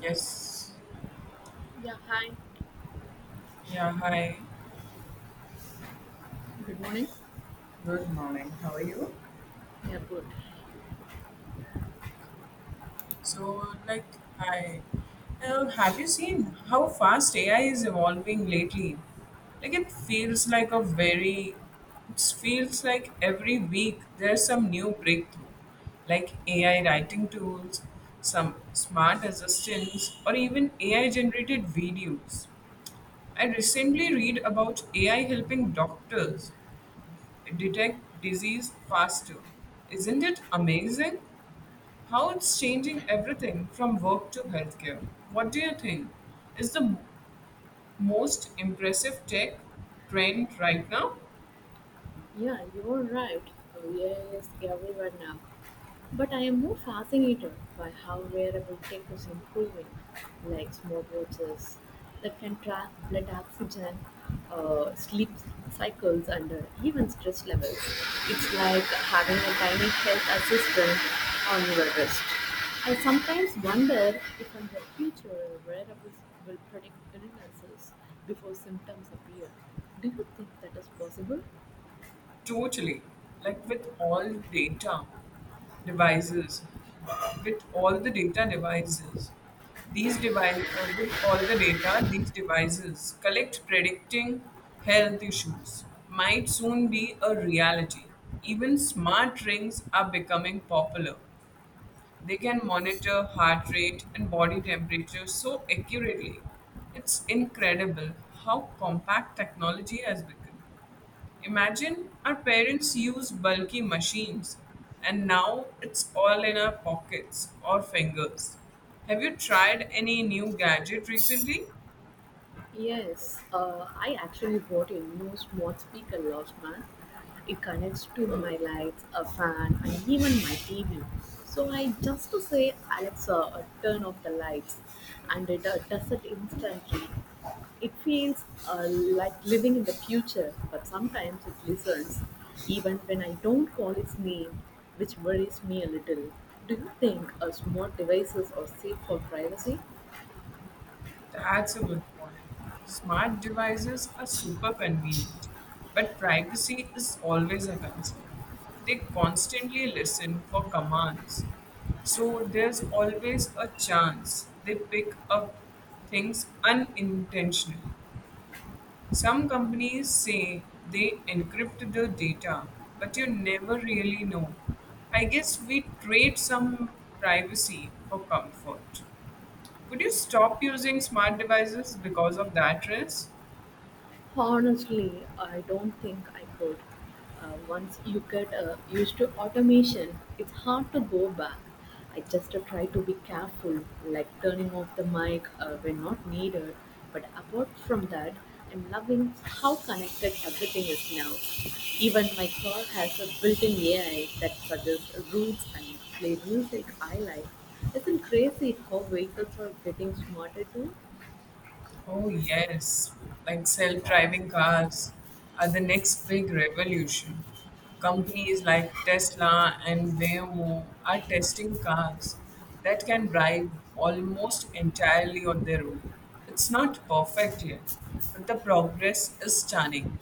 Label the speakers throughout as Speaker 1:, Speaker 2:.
Speaker 1: Yes.
Speaker 2: Yeah, hi.
Speaker 1: Yeah, hi.
Speaker 2: Good morning.
Speaker 1: Good morning. How are you?
Speaker 2: Yeah, good.
Speaker 1: So, like, hi. Have you seen how fast AI is evolving lately? Like, it feels like a very, it feels like every week there's some new breakthrough, like AI writing tools, some smart assistants, or even AI generated videos. I recently read about AI helping doctors detect disease faster. Isn't it amazing how it's changing everything from work to healthcare? What do you think is most impressive tech trend right now?
Speaker 2: Yeah, you're right. Oh, yes, everyone now. But I am more fascinated by how wearable tech is improving, like smartwatches that can track blood oxygen, sleep cycles, and even stress levels. It's like having a tiny health assistant on your wrist. I sometimes wonder if in the future wearables will predict illnesses before symptoms appear. Do you think that is possible?
Speaker 1: Totally. Like with all data devices, with all the data devices, these device with all the data these devices collect predicting health issues might soon be a reality. Even smart rings are becoming popular. They can monitor heart rate and body temperature so accurately. It's incredible how compact technology has become. Imagine our parents used bulky machines and now it's all in our pockets or fingers. Have you tried any new gadget recently?
Speaker 2: Yes, I actually bought a new smart speaker last month. It connects to my lights, a fan, and even my TV. So I just to say, Alexa, turn off the lights, and it does it instantly. It feels like living in the future, but sometimes it listens, even when I don't call its name, which worries me a little. Do you think smart devices are safe for privacy?
Speaker 1: That's a good point. Smart devices are super convenient, but privacy is always a concern. They constantly listen for commands. So there's always a chance they pick up things unintentionally. Some companies say they encrypt the data, but you never really know. I guess we trade some privacy for comfort. Would you stop using smart devices because of that risk?
Speaker 2: Honestly, I don't think I could. Once you get used to automation, it's hard to go back. I just try to be careful, like turning off the mic when not needed. But apart from that, I'm loving how connected everything is now. Even my car has a built-in AI that suggests routes and play music I like. Isn't crazy how vehicles are getting smarter too?
Speaker 1: Oh, yes. Like self driving cars are the next big revolution. Companies like Tesla and Waymo are testing cars that can drive almost entirely on their own. It's not perfect yet, but the progress is stunning.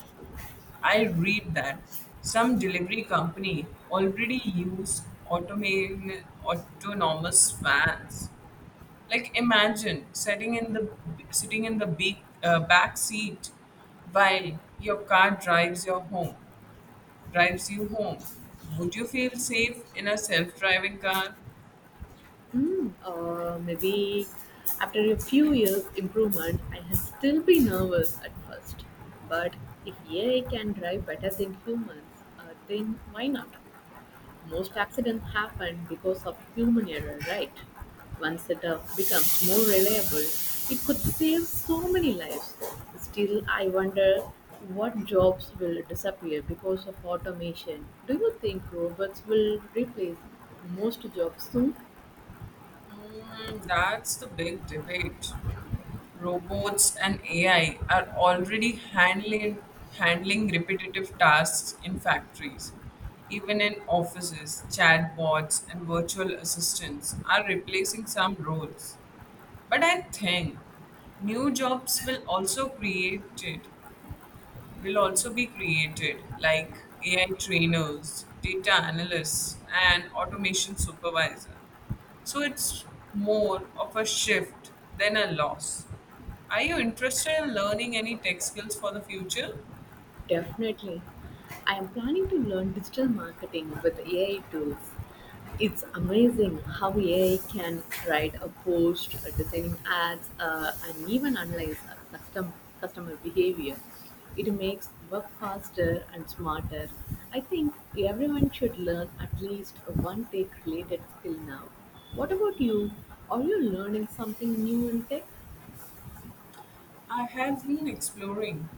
Speaker 1: I read that some delivery company already use autonomous vans. Like imagine sitting in the back seat while your car drives you home. Would you feel safe in a self-driving car?
Speaker 2: Maybe after a few years improvement, I had still be nervous at first. But if AI can drive better than humans, then why not? Most accidents happen because of human error, right? Once it becomes more reliable, it could save so many lives. Still, I wonder what jobs will disappear because of automation. Do you think robots will replace most jobs soon?
Speaker 1: Mm, that's the big debate. Robots and AI are already handling repetitive tasks in factories. Even in offices, chatbots and virtual assistants are replacing some roles. But I think new jobs will also create it will also be created, like AI trainers, data analysts, and automation supervisor. So it's more of a shift than a loss. Are you interested in learning any tech skills for the future?
Speaker 2: Definitely. I am planning to learn digital marketing with AI tools. It's amazing how AI can write a post, designing ads, and even analyze customer behavior. It makes work faster and smarter. I think everyone should learn at least one tech related skill now. What about you? Are you learning something new in tech?
Speaker 1: I have been exploring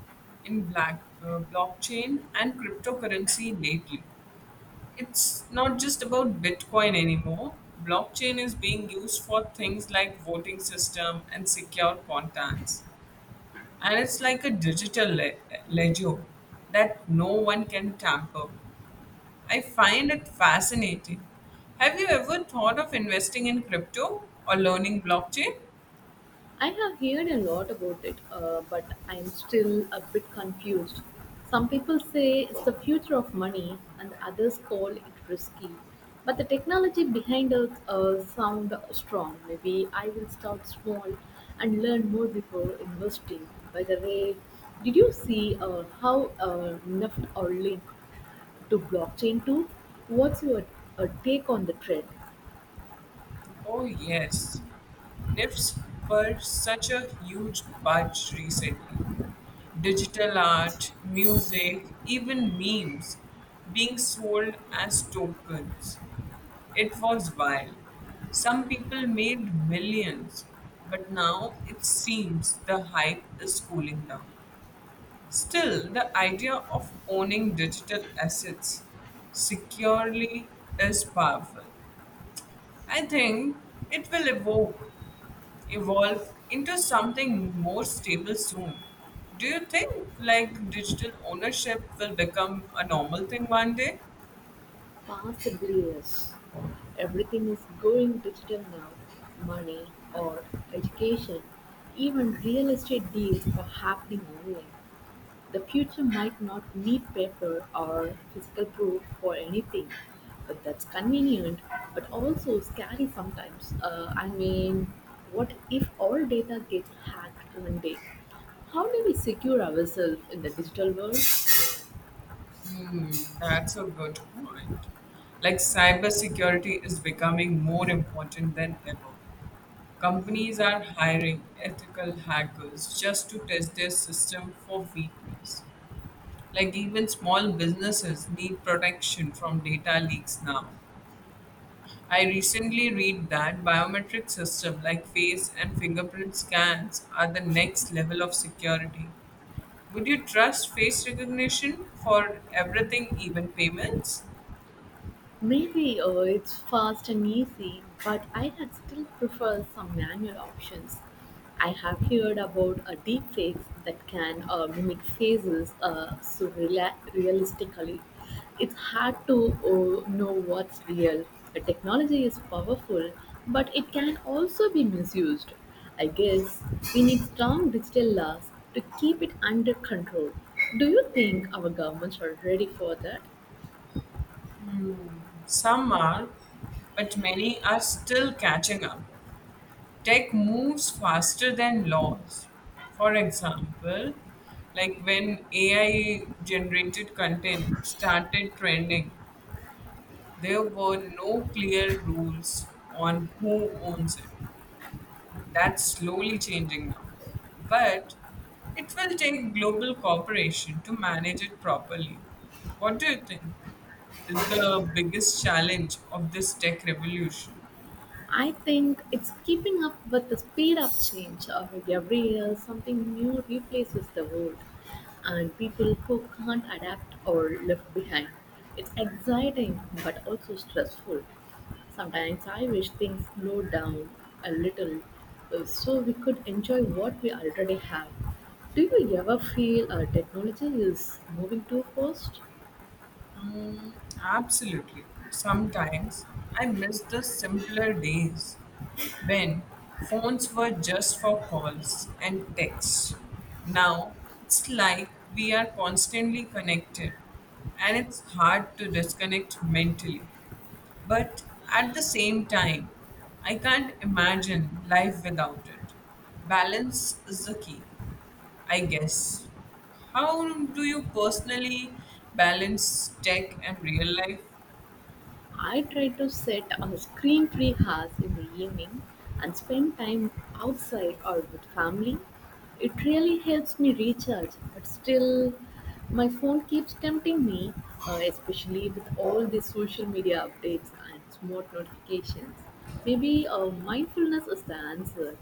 Speaker 1: blockchain and cryptocurrency lately. It's not just about Bitcoin anymore. Blockchain is being used for things like voting system and secure contacts. And it's like a ledger that no one can tamper with. I find it fascinating. Have you ever thought of investing in crypto or learning blockchain?
Speaker 2: I have heard a lot about it, but I am still a bit confused. Some people say it's the future of money, and others call it risky. But the technology behind it sound strong. Maybe I will start small and learn more before investing. By the way, did you see how NFT are linked to blockchain too? What's your take on the trend?
Speaker 1: Oh, yes. NIFs were such a huge budge recently. Digital art, music, even memes being sold as tokens. It was wild. Some people made millions, but now it seems the hype is cooling down. Still, the idea of owning digital assets securely is powerful. I think it will evoke, evolve into something more stable soon. Do you think like digital ownership will become a normal thing one day?
Speaker 2: Possibly yes. Everything is going digital now. Money, art, education, even real estate deals are happening online. The future might not need paper or physical proof for anything. But that's convenient, but also scary sometimes. I mean, what if all data gets hacked one day? How do we secure ourselves in the digital world?
Speaker 1: Hmm, that's a good point. Like cybersecurity is becoming more important than ever. Companies are hiring ethical hackers just to test their system for weakness. Like even small businesses need protection from data leaks now. I recently read that biometric systems like face and fingerprint scans are the next level of security. Would you trust face recognition for everything, even payments?
Speaker 2: Maybe it's fast and easy, but I had still prefer some manual options. I have heard about deepfakes that can mimic faces so realistically. It's hard to know what's real. The technology is powerful, but it can also be misused. I guess we need strong digital laws to keep it under control. Do you think our governments are ready for that?
Speaker 1: Some are, but many are still catching up. Tech moves faster than laws. For example, like when AI generated content started trending, there were no clear rules on who owns it. That's slowly changing now. But it will take global cooperation to manage it properly. What do you think is the biggest challenge of this tech revolution?
Speaker 2: I think it's keeping up with the speed of change. Every year, something new replaces the old, and people who can't adapt are left behind. It's exciting but also stressful. Sometimes I wish things slowed down a little so we could enjoy what we already have. Do you ever feel technology is moving too fast?
Speaker 1: Mm, absolutely. Sometimes I miss the simpler days when phones were just for calls and texts. Now it's like we are constantly connected and it's hard to disconnect mentally. But at the same time, I can't imagine life without it. Balance is the key. I guess. How do you personally balance tech and real life?
Speaker 2: I try to set a screen free hours in the evening and spend time outside or with family. It really helps me recharge, but still, my phone keeps tempting me, especially with all the social media updates and smart notifications. Maybe mindfulness is the answer.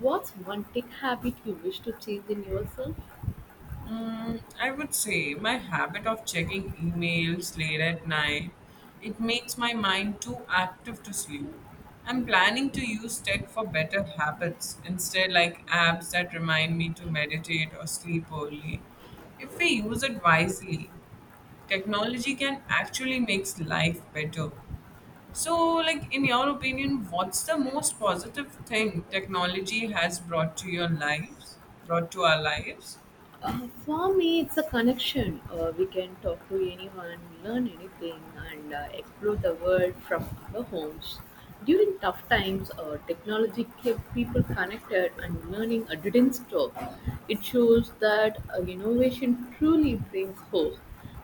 Speaker 2: What's one tech habit you wish to change in yourself?
Speaker 1: Mm, I would say my habit of checking emails late at night, it makes my mind too active to sleep. I'm planning to use tech for better habits instead like apps that remind me to meditate or sleep early. If we use it wisely, technology can actually make life better. So, like in your opinion, what's the most positive thing technology has brought to our lives?
Speaker 2: For me, it's a connection. We can talk to anyone, learn anything, and explore the world from our homes. During tough times, technology kept people connected and learning didn't stop. It shows that innovation truly brings hope.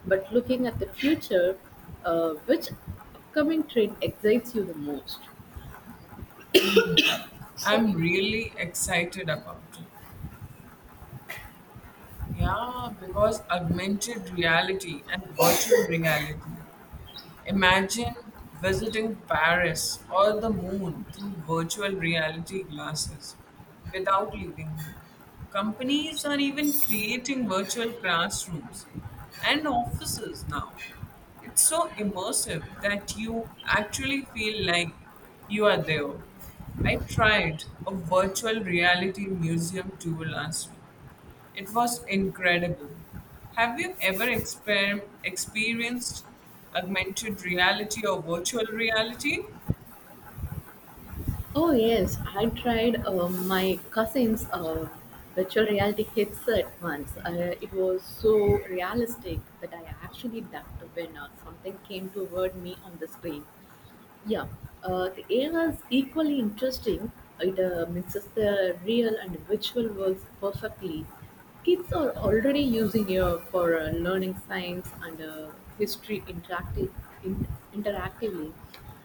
Speaker 2: But looking at the future, which upcoming trend excites you the most?
Speaker 1: I'm really excited about. Yeah, because augmented reality and virtual reality. Imagine visiting Paris or the moon through virtual reality glasses without leaving home. Companies are even creating virtual classrooms and offices now. It's so immersive that you actually feel like you are there. I tried a virtual reality museum tour last week it was incredible. Have you ever experienced augmented reality or virtual reality?
Speaker 2: Oh yes, I tried my cousin's virtual reality headset once. It was so realistic that I actually ducked when something came toward me on the screen. Yeah, the AI is equally interesting. It mixes the real and virtual worlds perfectly. Kids are already using it for learning science and history in, interactively.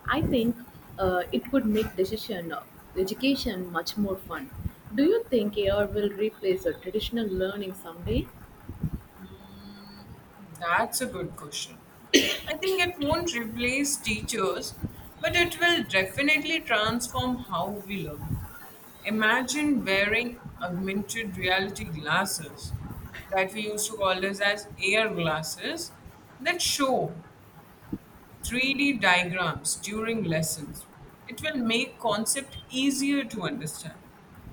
Speaker 2: I think it could make decision education much more fun. Do you think AI will replace a traditional learning someday?
Speaker 1: Mm, that's a good question. I think it won't replace teachers, but it will definitely transform how we learn. Imagine wearing augmented reality glasses that we used to call this as AR glasses that show 3D diagrams during lessons. It will make concept easier to understand.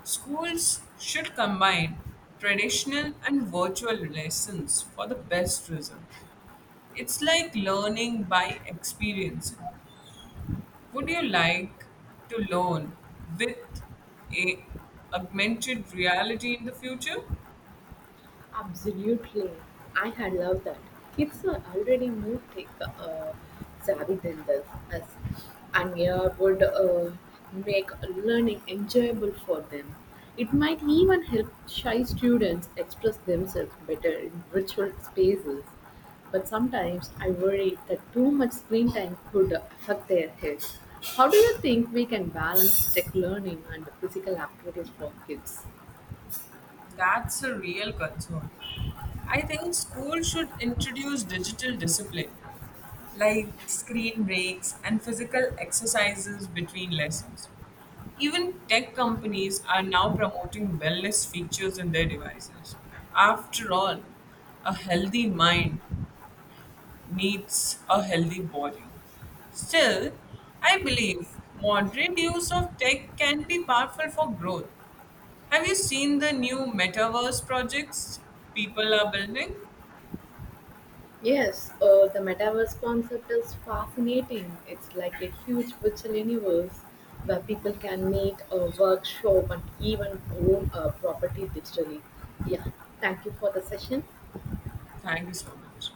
Speaker 1: Schools should combine traditional and virtual lessons for the best results. It's like learning by experiencing. Would you like to learn with a augmented reality in the future?
Speaker 2: Absolutely. I had loved that. Kids are already more tech uh, savvy than us, and yeah, would make learning enjoyable for them. It might even help shy students express themselves better in virtual spaces. But sometimes I worry that too much screen time could affect their health. How do you think we can balance tech learning and physical activities for kids?
Speaker 1: That's a real concern. I think schools should introduce digital discipline, like screen breaks and physical exercises between lessons. Even tech companies are now promoting wellness features in their devices. After all, a healthy mind needs a healthy body. Still, I believe moderate use of tech can be powerful for growth. Have you seen the new metaverse projects people are building?
Speaker 2: Yes, the metaverse concept is fascinating. It's like a huge virtual universe where people can meet, workshop, and even own a property digitally. Yeah, thank you for the session.
Speaker 1: Thank you so much.